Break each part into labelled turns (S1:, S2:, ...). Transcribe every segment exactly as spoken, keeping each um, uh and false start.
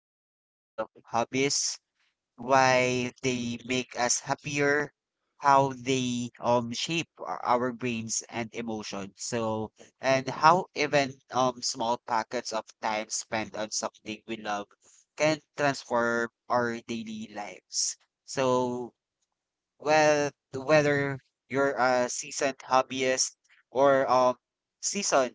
S1: into the world of hobbies, why they make us happier, how they um shape our, our brains and emotions. So, and how even um small packets of time spent on something we love can transform our daily lives. So, well, Whether you're a seasoned hobbyist or um seasoned,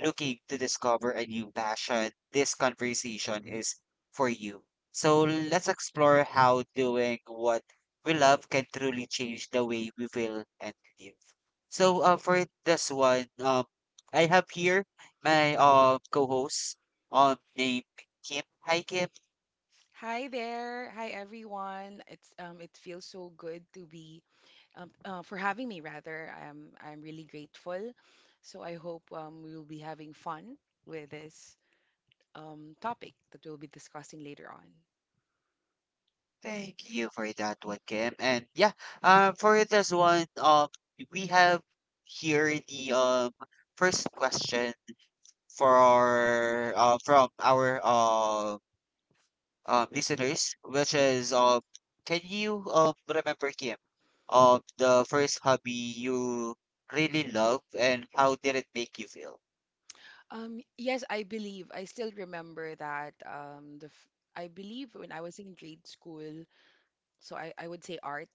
S1: looking to discover a new passion, this conversation is for you. So let's explore how doing what we love can truly change the way we feel and live. So uh, for this one, um, I have here my uh, co-host um named Kim. Hi, Kim.
S2: Hi there. Hi everyone. It's um it feels so good to be um uh, for having me rather. I'm I'm really grateful. So I hope um we will be having fun with this um topic that we'll be discussing later on.
S1: Thank you for that one, Kim. And yeah, um, for this one, um, we have here the um first question for uh, from our uh, um listeners, which is, um, can you um remember, Kim, um the first hobby you really loved and how did it make you feel?
S2: Um yes, I believe I still remember that um the f- I believe when I was in grade school, so I I would say art.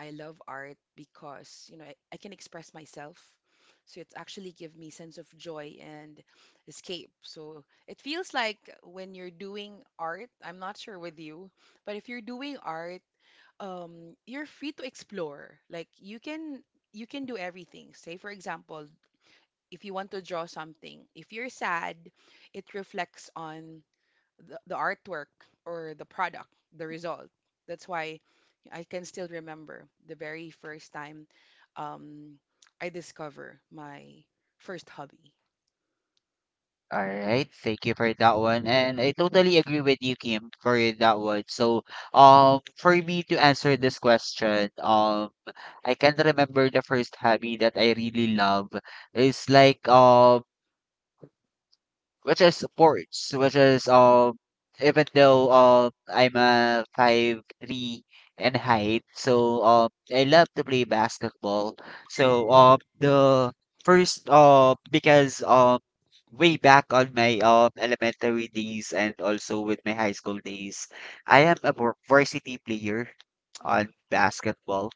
S2: I love art because, you know, I, I can express myself. So it's actually give me sense of joy and escape. So it feels like when you're doing art, I'm not sure with you, but if you're doing art, um, you're free to explore. Like you can you can do everything. Say for example, if you want to draw something, if you're sad, it reflects on the, the artwork or the product, the result. That's why I can still remember the very first time, um, I discover my first hobby.
S1: All right, thank you for that one. And I totally agree with you, Kim, for that one. So, um, for me to answer this question, um, I can remember the first hobby that I really love. It's like um which is sports, which is, um even though, um I'm a five three in height, so um I love to play basketball. So um the first uh because um Way back on my um elementary days and also with my high school days, I am a var- varsity player
S2: Oh,
S1: on
S2: wow.
S1: basketball.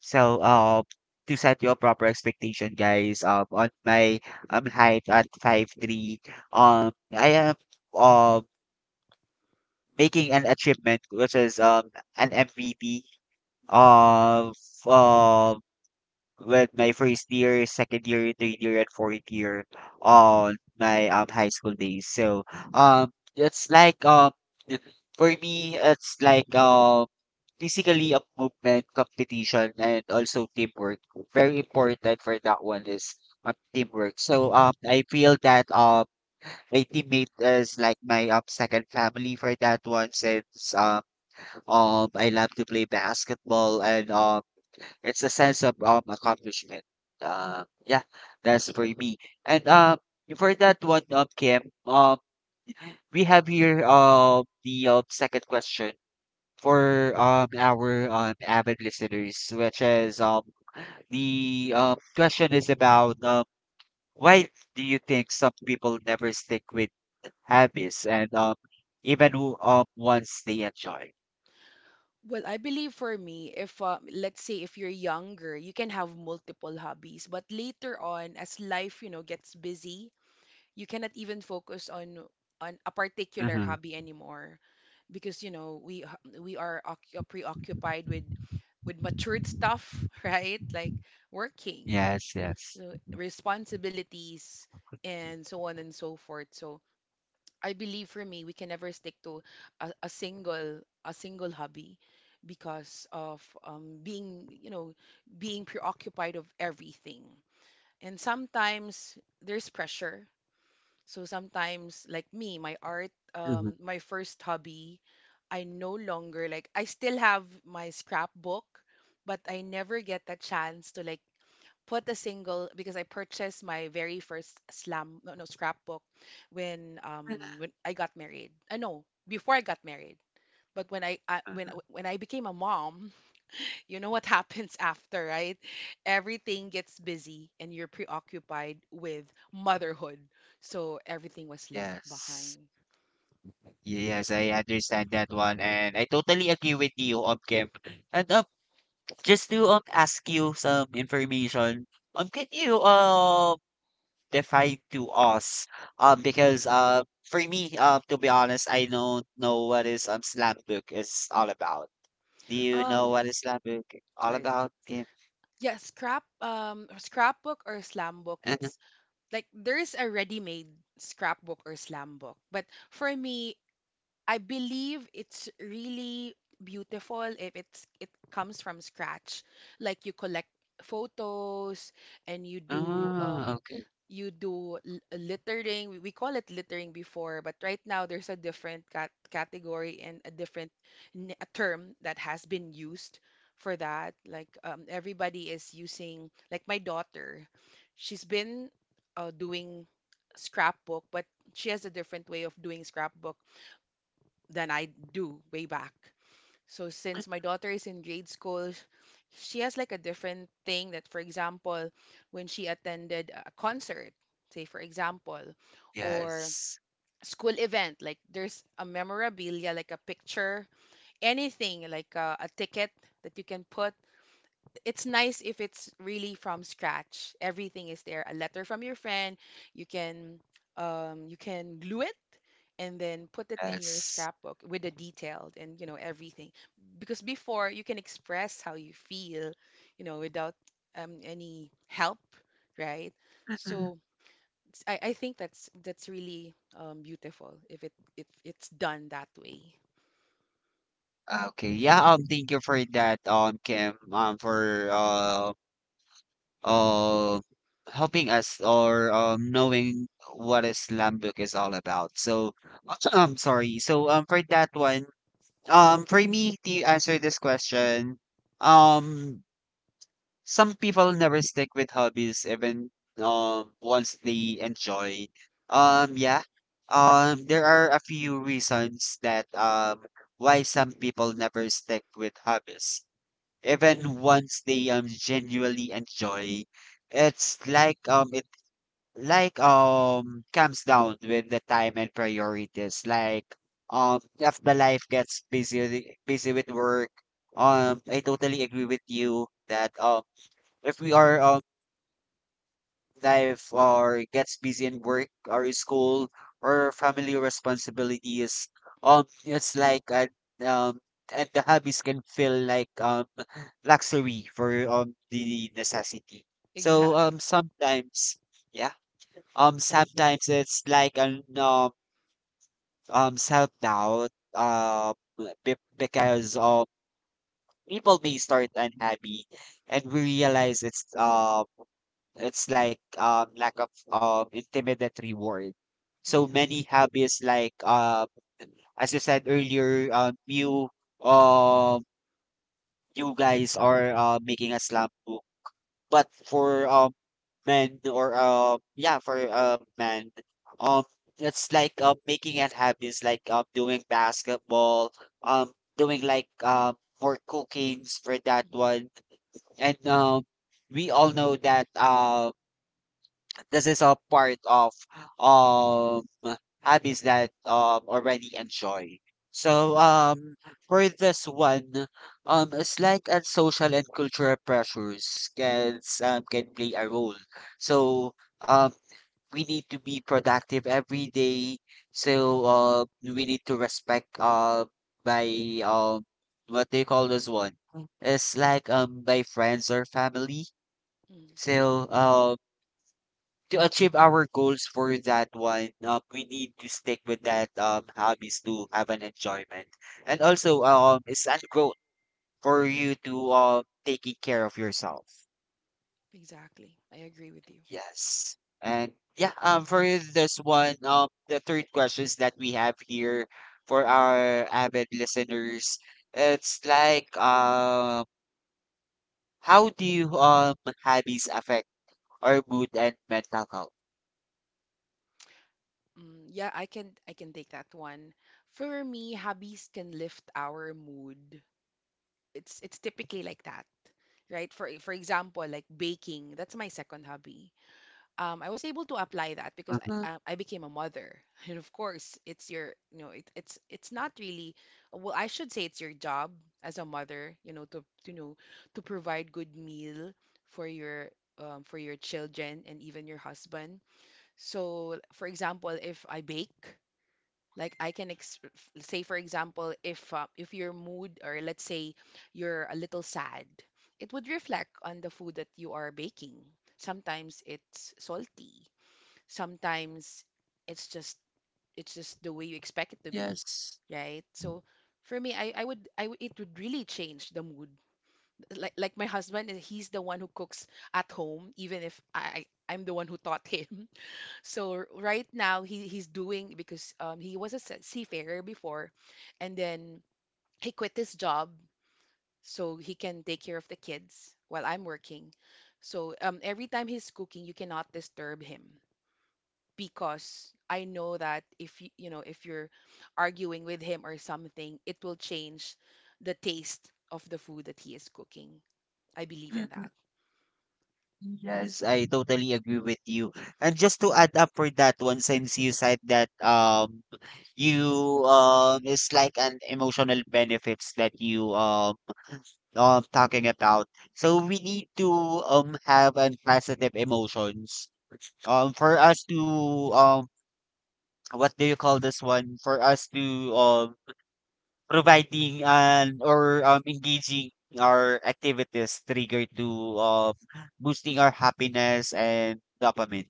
S1: So um to set your proper expectation guys um on my um height at five three. Um, I am uh making an achievement, which is um an M V P of uh with my first year, second year, third year, and fourth year on my um high school days. So um it's like um for me it's like um Basically, a movement, competition, and also teamwork. Very important for that one is, um, teamwork. So um I feel that um my teammate is like my um second family for that one since, uh, um I love to play basketball and um it's a sense of um accomplishment. Uh, yeah, that's for me. And um for that one, um Kim, um we have here um the um, second question for um our um avid listeners, which is, um the um question is about um why do you think some people never stick with habits and um even who um once they enjoy?
S2: Well, I believe for me, if uh, let's say if you're younger, you can have multiple hobbies, but later on, as life, you know, gets busy, you cannot even focus on on a particular
S1: Mm-hmm.
S2: hobby anymore because you know we h- we are occu- preoccupied with with matured stuff right, like working,
S1: Yes, yes.
S2: so responsibilities and so on and so forth. So I believe for me we can never stick to a, a single a single hobby because of, um, being you know being preoccupied of everything, and sometimes there's pressure. So sometimes, like me, my art,
S1: Mm-hmm.
S2: um, my first hobby, I no longer like, I still have my scrapbook, but I never get the chance to like put a single because I purchased my very first slam, no, no scrapbook when um when I got married. I know before I got married, but when I, I when when I became a mom, you know what happens after, right? Everything gets busy and you're preoccupied with motherhood. So everything was left behind.
S1: Yes. Yes, I understand that one and I totally agree with you, um Kim. And um just to um ask you some information, um can you um define to us, um because uh for me, um to be honest, I don't know what is, um slam book is all about. Do you know
S2: Um,
S1: what Islam Book all
S2: Sorry.
S1: about, Kim?
S2: Yeah, scrap um scrapbook or slam book. It's like there's a ready-made scrapbook or slam book. But for me, I believe it's really beautiful if it's it comes from scratch. Like you collect photos and you do
S1: Oh,
S2: um
S1: okay.
S2: you do l- uh, littering. We we call it littering before, but right now there's a different cat category and a different n- a term that has been used for that. Like, um, everybody is using. Like my daughter, she's been uh, doing scrapbook, but she has a different way of doing scrapbook than I do way back. So since my daughter is in grade school, she has like a different thing that for example, when she attended a concert, say for example, or
S1: Yes.
S2: school event, like there's a memorabilia like a picture, anything like a, a ticket that you can put. It's nice if it's really from scratch. Everything is there. A letter from your friend. You can um you can glue it and then put it in your
S1: Yes.
S2: scrapbook with the detailed and you know everything. Because before you can express how you feel, you know, without um any help, right? So it's- I, I think that's that's really um beautiful if it if it's done that way.
S1: Okay. Yeah, um, thank you for that, um, Kim, um, for uh, uh, helping us or, um, knowing what Islam book is all about. So,
S2: You're
S1: I'm sorry. So, um, for that one, um, for me to answer this question, um, some people never stick with hobbies even um once they enjoy. Um yeah. Um there are a few reasons that um why some people never stick with hobbies even once they um genuinely enjoy. It's like um it like um comes down with the time and priorities, like um if the life gets busy busy with work. um I totally agree with you that um if we are, um life or gets busy in work or school or family responsibilities, um it's like uh, um and the hobbies can feel like um luxury for um the necessity. So
S2: exact.
S1: um sometimes, yeah, um sometimes it's like an um um self-doubt, uh be- because um people may start unhappy and we realize it's, um it's like um lack of um intermittent reward. So
S2: Exact.
S1: many hobbies, like, uh as you said earlier, um you, um you guys are uh making a slam book. But for um men or uh yeah for uh men, um it's like uh, making it hobbies like um doing basketball, um doing like um for cookings for that
S2: Mhm.
S1: one. And um we all know that um. this is a part of um hobbies that um already enjoy. So
S2: Yes.
S1: um for this one, um slight and social and cultural pressures can s- um can play a role.
S2: Mhm.
S1: So um we need to be productive every day. So uh we need to respect, uh by um what they call this one. It's like um by friends or family.
S2: Mhm.
S1: So um to achieve our goals for that one, um, we need to stick with that um hobbies to have an enjoyment, and also um it's a growth for you to um taking care of yourself.
S2: Exactly. I agree with you.
S1: Yes, and yeah, um for this one, um the third questions that we have here for our avid listeners, it's like, um how do you um hobbies affect our mood and mental health?
S2: Mm, yeah, I can I can take that one. For me, hobbies can lift our mood. It's it's typically like that, right? For for example, like baking, that's my second hobby. Um, I was able to apply that because
S1: Uh-huh.
S2: I uh, I became a mother, and of course, it's your you know it, it's it's not really, well, I should say it's your job as a mother, you know, to to know to provide good meal for your, um, for your children and even your husband. So, for example, if I bake, like I can ex- f- say, for example, if uh, if your mood or let's say you're a little sad, it would reflect on the food that you are baking. Sometimes it's salty, sometimes it's just it's just the way you expect it to be,
S1: Yes.
S2: right? So for me, I, I would I would- it would really change the mood. Like like my husband, he's the one who cooks at home, even if I I'm the one who taught him. So r- right now he he's doing because um he was a se- seafarer before, and then he quit his job so he can take care of the kids while I'm working. So um every time he's cooking, you cannot disturb him because I know that if you you know if you're arguing with him or something, it will change the taste of the food that he is cooking. I believe in that.
S1: Yes, I totally agree with you. And just to add up for that one, since you said that um you um it's like an emotional benefits that you, um um talking about. So we need to um have an positive emotions. Um for us to, um what do you call this one? For us to, um providing an or um engaging our activities trigger to, um boosting our happiness and dopamine.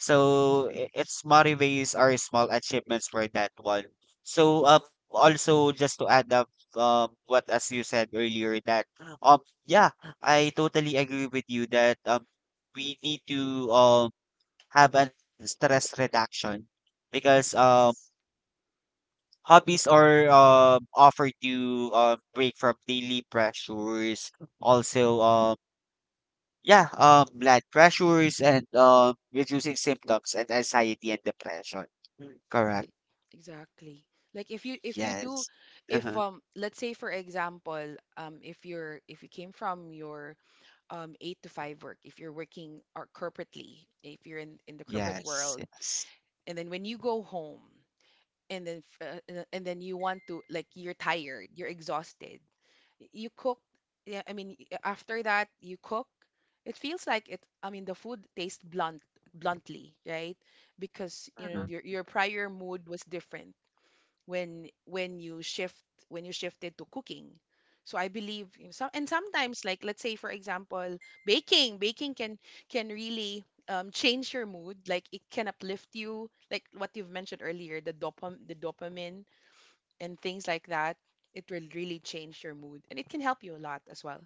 S1: So i- it motivates our small achievements for that one. So um also, just to add up um what, as you said earlier, that um yeah, I totally agree with you that um we need to um have a stress reduction because um
S2: Yes.
S1: hobbies are um offered to um break from daily pressures, also, um yeah, um, blood pressures and, um, reducing symptoms and anxiety and depression. Mm. Correct.
S2: Exactly. Like if you if you do
S1: Yes.
S2: if
S1: Uh-huh.
S2: um let's say for example um if you're if you came from your um eight to five work, if you're working or corporately if you're in in the corporate
S1: Yes.
S2: world,
S1: Yes.
S2: and then when you go home and then f- uh, and then and then you want to like you're tired, you're exhausted. y- You cook, yeah I mean y- after that you cook, it feels like it, I mean the food tastes blunt, bluntly, right? Because you know
S1: Uh-huh.
S2: your your prior mood was different when when you shift when you shifted to cooking. So I believe in some and sometimes like let's say for example baking baking can can really, um, change your mood, like it can uplift you like what you've mentioned earlier the dopam the dopamine and things like that. It will really change your mood and it can help you a lot as well.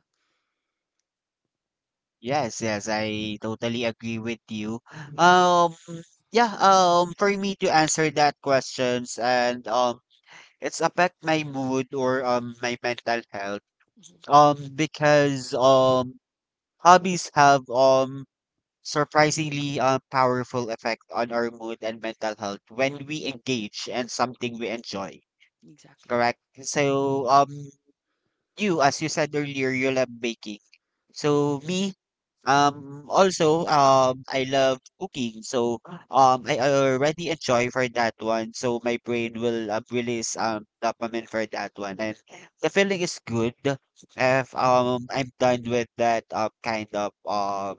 S1: Yes. Yes, I totally agree with you. Um. Yeah. Um. For me to answer that questions, and um, it's affect my mood or um my mental health.
S2: Hmm.
S1: Um. Because um Hobbies have um surprisingly uh, powerful effect on our mood and mental health when we engage in something we enjoy.
S2: Exactly.
S1: Correct? So, um, you, as you said earlier, you love baking. So, me, um, also, um, I love cooking. So, um, I already enjoy for that one. So, my brain will, uh, release um dopamine for that one, and the feeling is good if um I'm done with that, uh, kind of, uh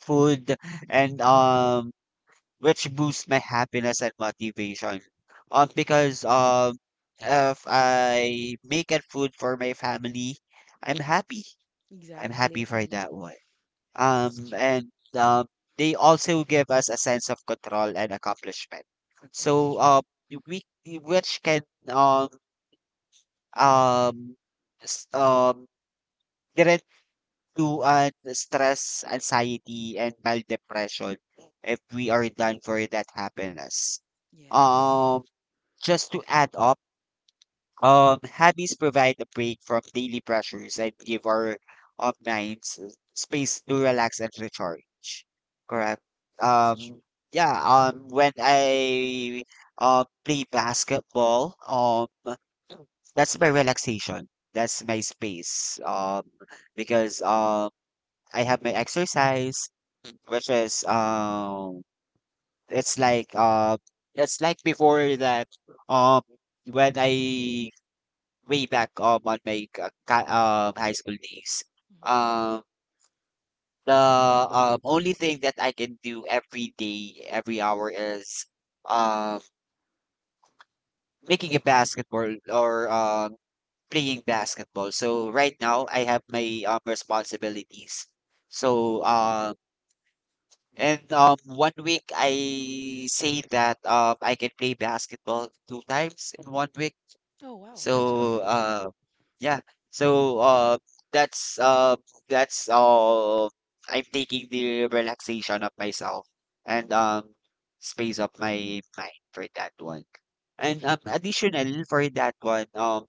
S1: food, and um which boosts my happiness and motivation. Um, because, um, if I make a food for my family, I'm happy. I'm happy
S2: Exactly.
S1: for
S2: Mhm.
S1: that one.
S2: It's
S1: Um,
S2: true.
S1: and um, they also give us a sense of control and accomplishment. So,
S2: It's
S1: um, we which can, um um s- um direct to, uh, stress, anxiety, and mild depression if we are done for that happiness.
S2: true. Yes.
S1: Um. Just to add up, um, hobbies provide a break from daily pressures and give our, um, minds, uh, space to relax and recharge. Correct.
S2: That's true.
S1: Um, yeah. Um, when I, uh, play basketball, um, that's my relaxation. That's my space. Um, because um, I have my exercise, which is, um, it's like uh, it's like before that, um when I, way back, um on my uh ca- um high school days.
S2: Mhm.
S1: Um, the um Only thing that I can do every day, every hour is, um making a basketball or, um playing basketball. So right now I have my um responsibilities. So um and um one week, I say that um I can play basketball two times in one week.
S2: Oh wow, that's good.
S1: So, uh, yeah. So, uh, that's uh, that's all. I'm taking the relaxation of myself and,
S2: Hmm.
S1: um, space of my mind for that one. And um, additional for that one, um,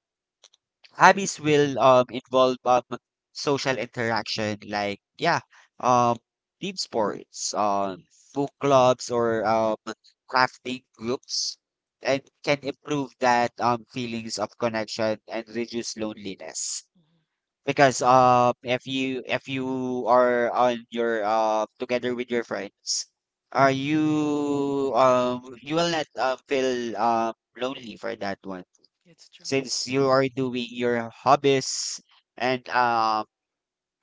S1: hobbies will um involve um social interaction, like, yeah, um team sports, um
S2: Yes.
S1: book clubs, or um crafting groups, and can improve that um feelings of connection and reduce loneliness
S2: Hmm.
S1: because
S2: That's true.
S1: um if you if you are on your, uh together with your friends, are you, um you will not, uh, feel um lonely for that one
S2: It's true.
S1: since you are doing your hobbies and um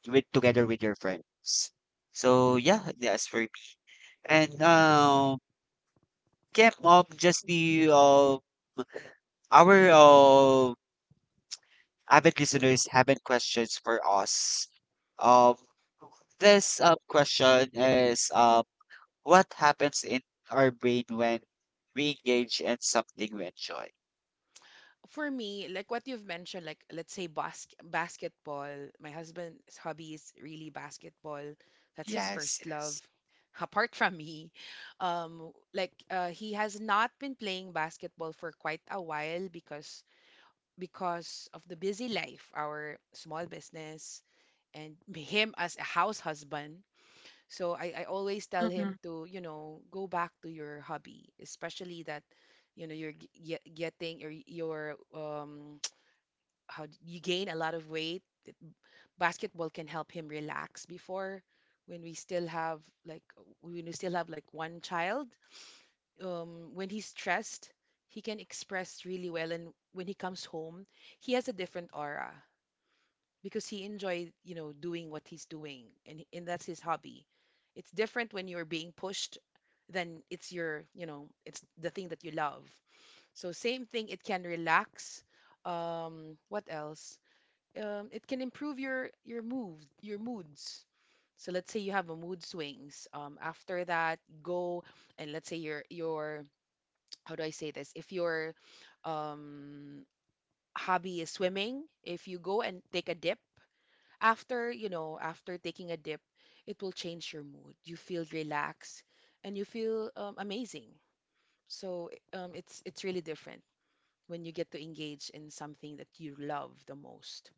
S1: with together with your friends. So yeah, that's for me. And, um, Kim, um, just the, uh, our uh, avid listeners having questions for us. Um, this um question is, um, what happens in our brain when we engage in something we enjoy?
S2: For me, like what you've mentioned, like let's say bas- basketball. My husband's hobby is really basketball. That's his
S1: Yes,
S2: first love.
S1: yes.
S2: Apart from me, um, like uh, he has not been playing basketball for quite a while because because of the busy life, our small business, and him as a house husband. So I, I always tell him to, you know, go back to your hobby, especially that, you know, you're g- ge- getting or you're um how d- you gain a lot of weight. Basketball can help him relax before when we still have like when we still have like one child. Um, when he's stressed, he can express really well, and when he comes home, he has a different aura because he enjoyed, you know, doing what he's doing, and and that's his hobby. It's different when you're being pushed, then it's your you know it's the thing that you love. So same thing, it can relax, um what else, um it can improve your your mood, your moods. So let's say you have a mood swings um after that go, and let's say your your how do I say this, if your um hobby is swimming, if you go and take a dip, after you know after taking a dip, it will change your mood, you feel relaxed and you feel, um, amazing. So, um, it's it's really different when you get to engage in something that you love the most.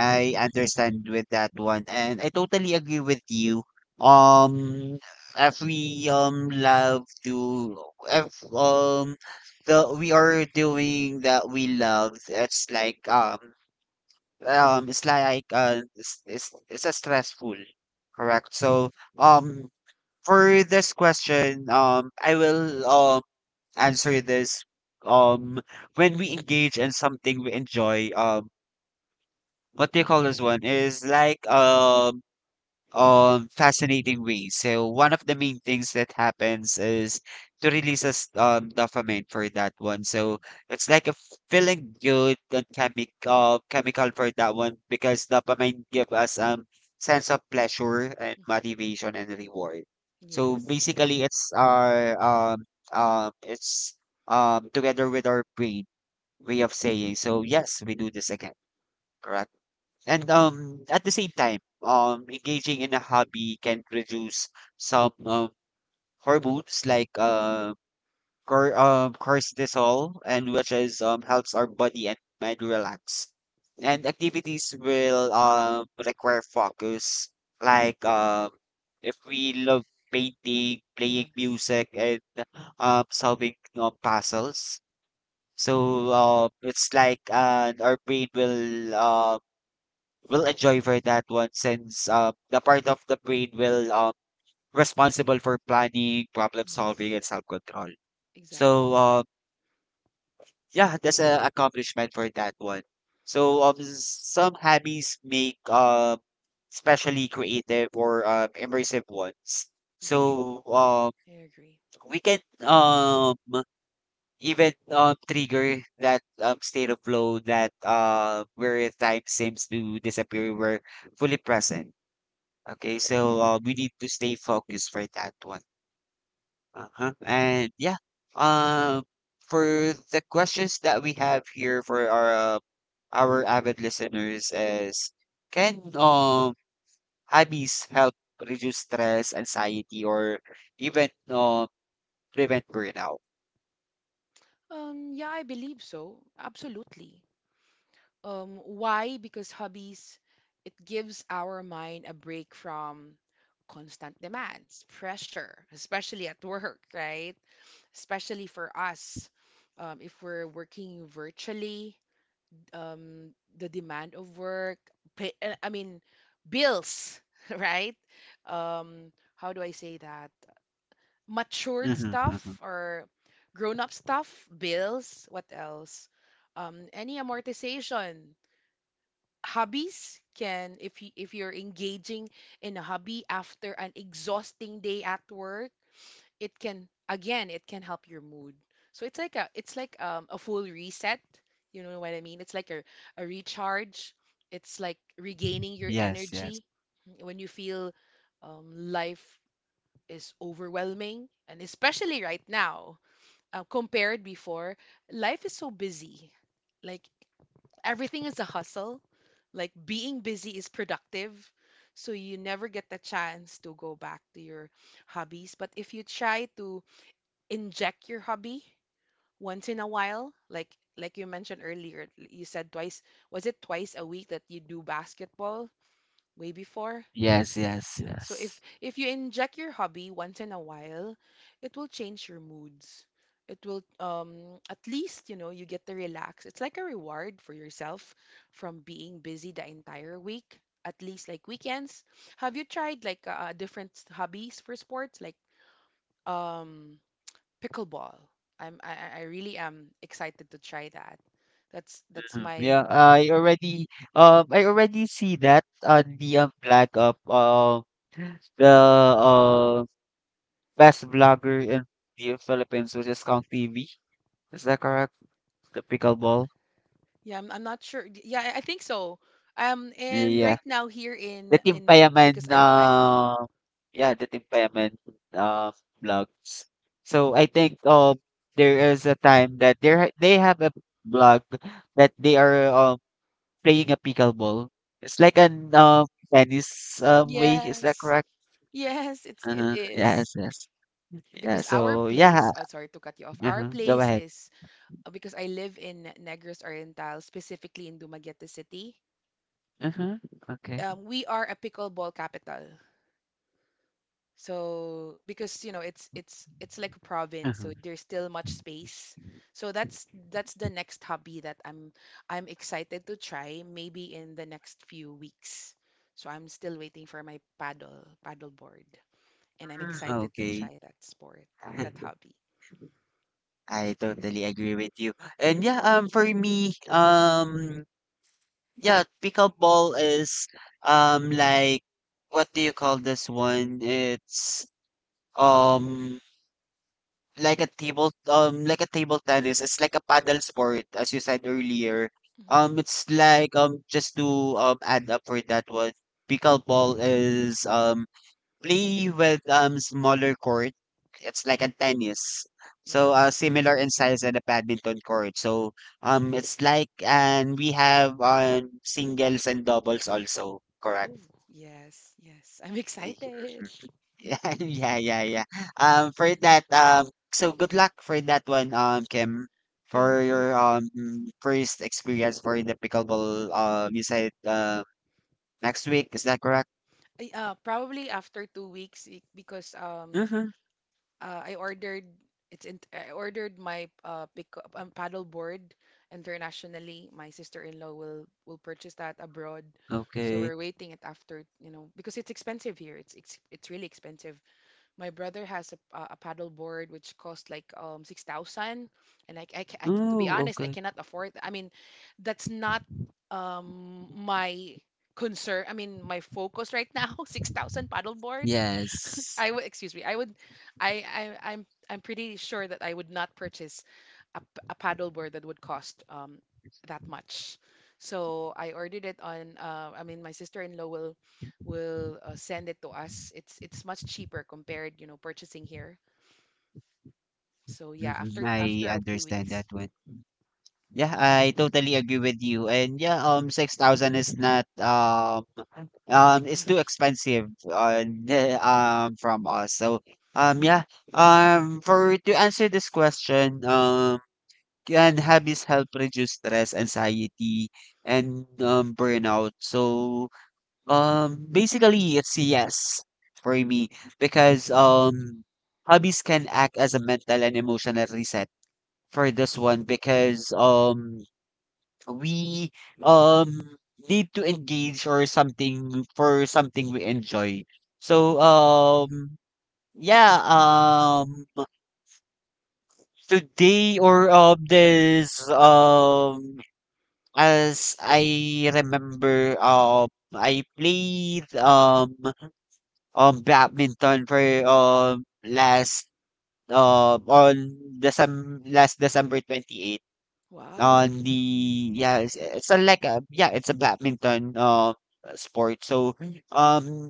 S1: I understand with that one, and I totally agree with you. Um, if we, um love to, if um the we are doing that we love, it's like, um um it's like uh it's it's, it's a stressful, correct? So um for this question, um I will um answer this, um when we engage in something we enjoy, um what do you call this one is like, um um fascinating way. So one of the
S2: Mhm.
S1: main things that happens is to release us um dopamine for that one. So
S2: Mhm.
S1: it's like a feeling good and chemic uh, chemical for that one, because dopamine give us um sense of pleasure and
S2: Mhm.
S1: motivation and reward. So
S2: Yes.
S1: basically it's our um um it's um together with our brain way of saying, so yes, we do this again, correct? And um, at the same time, um, engaging in a hobby can reduce some um, hormones like
S2: Mhm.
S1: uh, cor um, cortisol, and which is um, helps our body and mind relax. And activities will um, require focus. Like um, if we love painting, playing
S2: Yes,
S1: music, and um, solving um, puzzles, so uh, it's like uh, our brain will um will enjoy for that one, since uh, the part of the brain will um, responsible for planning, problem solving,
S2: yes,
S1: and self control.
S2: exactly.
S1: So um, yeah, that's an accomplishment for that one. So um, some hobbies make um especially creative or um, immersive ones.
S2: That's true.
S1: So um,
S2: I agree.
S1: we can um even um trigger that um state of flow, that uh where time seems to disappear. We're fully present. Okay, so uh, we need to stay focused for that one. Uh-huh. And yeah, um, for the questions that we have here for our uh, our avid listeners is, can um hobbies help reduce stress, anxiety, or even uh, prevent burnout?
S2: Um, yeah, I believe so. Absolutely. Um, why? Because hobbies, it gives our mind a break from constant demands, pressure, especially at work, right? Especially for us, um, if we're working virtually, um, the demand of work, pay, uh, I mean, bills, right? Um, how do I say that? Matured
S1: Mm-hmm, mm-hmm.
S2: stuff or grown up stuff, bills, what else? Um, any amortization. Hobbies can if you if you're engaging in a hobby after an exhausting day at work, it can again it can help your mood. So it's like a, it's like, um, a full reset, you know what I mean, it's like a, a recharge, it's like regaining your
S1: Yes, yes,
S2: energy when you feel, um, life is overwhelming, and especially right now uh, compared before, life is so busy, like everything is a hustle, like being busy is productive, so you never get the chance to go back to your hobbies. But if you try to inject your hobby once in a while, like like you mentioned earlier, you said twice, was it twice a week that you do basketball way before?
S1: yes, yes,
S2: Yeah, so if
S1: yes.
S2: if you inject your hobby once in a while, it will change your moods, it will, um at least you know you get to relax, it's like a reward for yourself from being busy the entire week, at least like weekends. Have you tried like, uh, different hobbies for sports like um pickleball. I'm I, I I really am excited to try that. That's that's
S1: Mm,
S2: my
S1: yeah, I already um I already see that on the um, flag of um the uh best vlogger in the Philippines, which is Kong T V. Is that correct? The pickleball.
S2: yeah. I'm, I'm not sure. D- Yeah, I, I think so. Um, and
S1: Yeah,
S2: right now here
S1: the
S2: in
S1: Team
S2: in
S1: Payaman.
S2: because I I
S1: Uh, yeah, the Team Payaman uh vlogs. So I think um there is a time that there they have a blog that they are um, playing a pickleball. It's like an, um, tennis, um, way. Is that
S2: yes,
S1: correct?
S2: yes, it's it
S1: Uh-huh. Yes,
S2: is
S1: yes. Yeah,
S2: because our
S1: so yeah.
S2: place. Uh, sorry to cut you off. Our
S1: Uh-huh. Go
S2: place
S1: ahead.
S2: is, uh, because I live in Negros Oriental, specifically in Dumaguete City.
S1: Uh-huh. Okay.
S2: Um, we are a pickleball capital. So because you know it's it's it's like a province, so
S1: Uh-huh.
S2: there's still much space. So that's that's the next hobby that I'm I'm excited to try maybe in the next few weeks. So I'm still waiting for my paddle paddle board and I'm
S1: Mm,
S2: excited to
S1: okay.
S2: try that sport, that hobby.
S1: I totally agree with you. And yeah, um, for me, um, yeah, pickleball is um like, what do you call this one? It's um like a table um like a table tennis, it's like a paddle sport, as you said earlier.
S2: Hmm.
S1: Um it's like um just to um add up for that one, pickleball is um play with um smaller court, it's like a tennis, so uh
S2: Yes.
S1: similar in size than a badminton court. So um it's like, and we have on singles and doubles also, correct?
S2: Oh, yes, yes. I'm excited.
S1: Yeah, yeah, yeah, yeah. Um, for that, um, so good luck for that one, um, Kim, for
S2: Thank you.
S1: your um first experience for the pickleball. Um, you said uh, next week, is that correct?
S2: Ay, uh, probably after two weeks i- because um
S1: Mm-hmm.
S2: uh, I ordered, it's in, I ordered my uh pick um, paddle board internationally. My sister-in-law will will purchase that abroad. So
S1: Okay.
S2: we're waiting it after, you know, because it's expensive here. It's it's, it's really expensive. My brother has a, a a paddle board which cost like um six thousand, and I, I, ca- I to be
S1: Oh,
S2: honest, I
S1: okay.
S2: cannot afford. I mean, that's not um my concern. I mean, my focus right now, six thousand paddle board.
S1: Yes.
S2: I would, excuse me, I would, I, I, I'm, I'm pretty sure that I would not purchase a, p- a paddleboard that would cost um that much. So I ordered it on. Uh, I mean, my sister-in-law will will uh, send it to us. It's it's much cheaper compared, you know, purchasing here. So
S1: Hmm,
S2: yeah, after
S1: I
S2: after a few
S1: understand
S2: weeks,
S1: that one. Yeah, I totally agree with you. And yeah, um, six thousand is not um um
S2: practically.
S1: it's too expensive on um from us. So um yeah, um for to answer this question, um can hobbies help reduce stress, anxiety, and um burnout? So um basically it's a yes for me, because um hobbies can act as a mental and emotional reset for this
S2: Yes.
S1: one, because um we um need to engage or something for something we enjoy. So um yeah, um today or um this um as I remember, um I played um um badminton for um last um on December last December twenty eighth.
S2: Wow.
S1: On the, yeah it's, it's a like a, yeah it's a badminton um sport. So um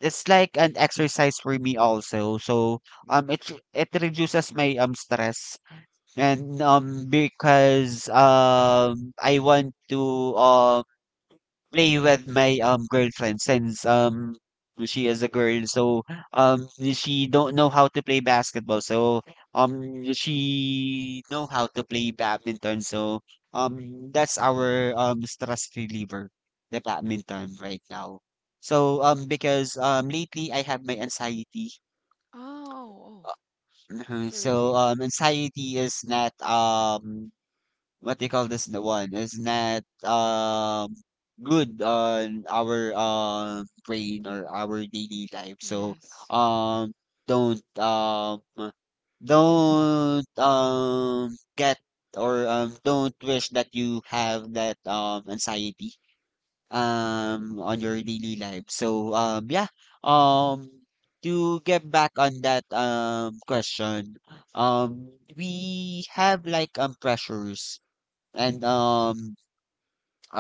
S1: it's like an exercise for me also. So um it re- it reduces my um stress. And um because um I want to um, play with my um girlfriend, since um she is a girl, so um she don't know how to play basketball, so um she know how to play badminton, so um that's our um stress reliever, the badminton right now. So um because um lately I have my anxiety.
S2: Oh. Oh. s-
S1: Mhm.
S2: Sorry to
S1: So
S2: hear that.
S1: um anxiety is not um what they call this, the one is not um good on our um brain or our daily life. So
S2: Yes.
S1: um don't um don't um get or um don't wish that you have that um anxiety um on your daily life. So um yeah, um to get back on that um question, um we have like um pressures and
S2: Yes.
S1: um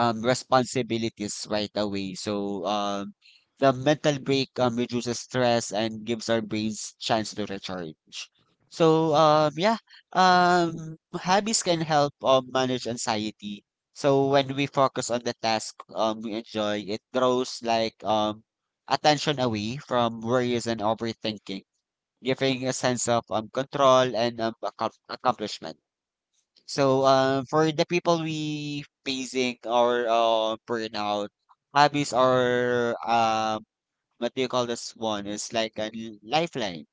S1: um responsibilities right away. So um the mental break um reduces stress and gives our brains chance to recharge. So
S2: Yes.
S1: um yeah, um hobbies can help um manage anxiety. So
S2: Mhm.
S1: when we focus on the task um we enjoy, it draws like um attention away from worries and overthinking, giving a sense of um control and um accom- accomplishment. So,
S2: It's true.
S1: uh, for the people we facing or uh, burnout, hobbies are um, what do you call this one? It's like a l- lifeline.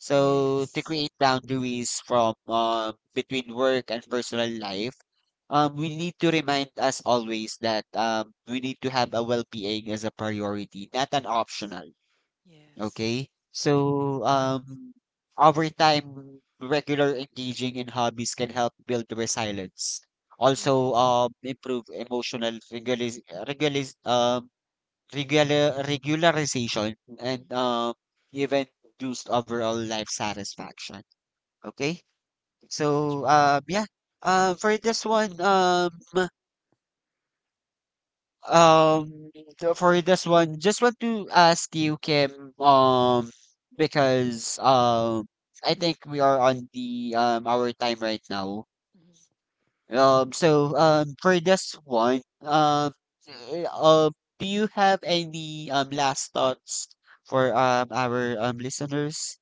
S1: So to
S2: Yes.
S1: create boundaries from uh, between work and personal life, um, we need to remind us always that um, we need to have a well-being as a priority, not an
S2: Yes.
S1: optional.
S2: Yes.
S1: Okay.
S2: It's true.
S1: So, um, over time, regular engaging in hobbies can help build resilience. Also,
S2: Yes.
S1: um, improve emotional regulis regulis um, regular regularization
S2: Mhm.
S1: and um, even boost overall life satisfaction. Okay.
S2: It's
S1: So, um, yeah. Uh, for this one, um, Um, so for this one, just want to ask you, Kim, um, because um, I think we are on the um our time right now.
S2: true. Mhm.
S1: Um, so um, for this one, um, eh, um, do you have any um last thoughts for um our um listeners?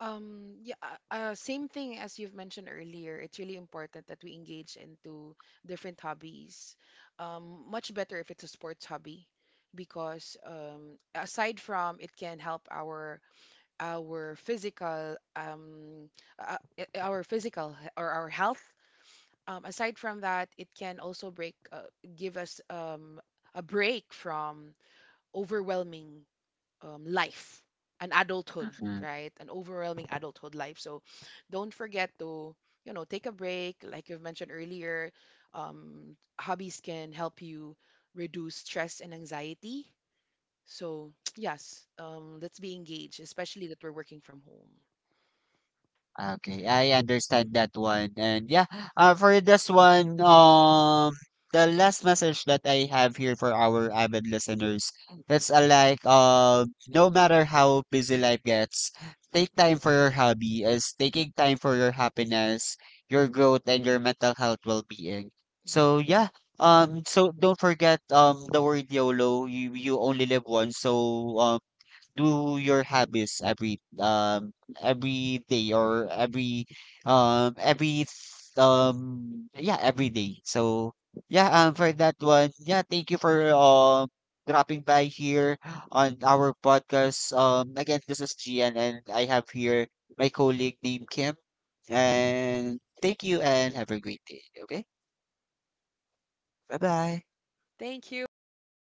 S2: Um, yeah, uh, uh, same thing as you've mentioned earlier. It's really important that we engage into different hobbies. Um, much better if it's a sports hobby because um, aside from it can help our our physical, um, uh, uh, our physical he- or our health. Um, aside from that, it can also break uh, give us, um, a break from overwhelming, um, life, an adulthood, right? An overwhelming adulthood life. So don't forget to, you know, take a break. Like you've mentioned earlier, um, hobbies can help you reduce stress and anxiety. So, yes, um, let's be engaged, especially that we're working from home.
S1: Okay, I understand that one. And yeah, uh, for this one, um, the last message that I have here for our avid listeners, it's uh, like, uh, no matter how busy life gets, take time for your hobby is taking time for your happiness, your growth, and your mental health well-being. So
S2: Exactly.
S1: yeah, um, so don't forget, um, the word YOLO, you, you only live once. So, um, do your habits every um every day or every um every th- um yeah, every day. So yeah, um for that one, yeah, thank you for um dropping by here on our podcast. Um again, this is Gian and I have here my colleague named Kim. And thank you and have a great day. Okay? Bye bye.
S2: Thank you.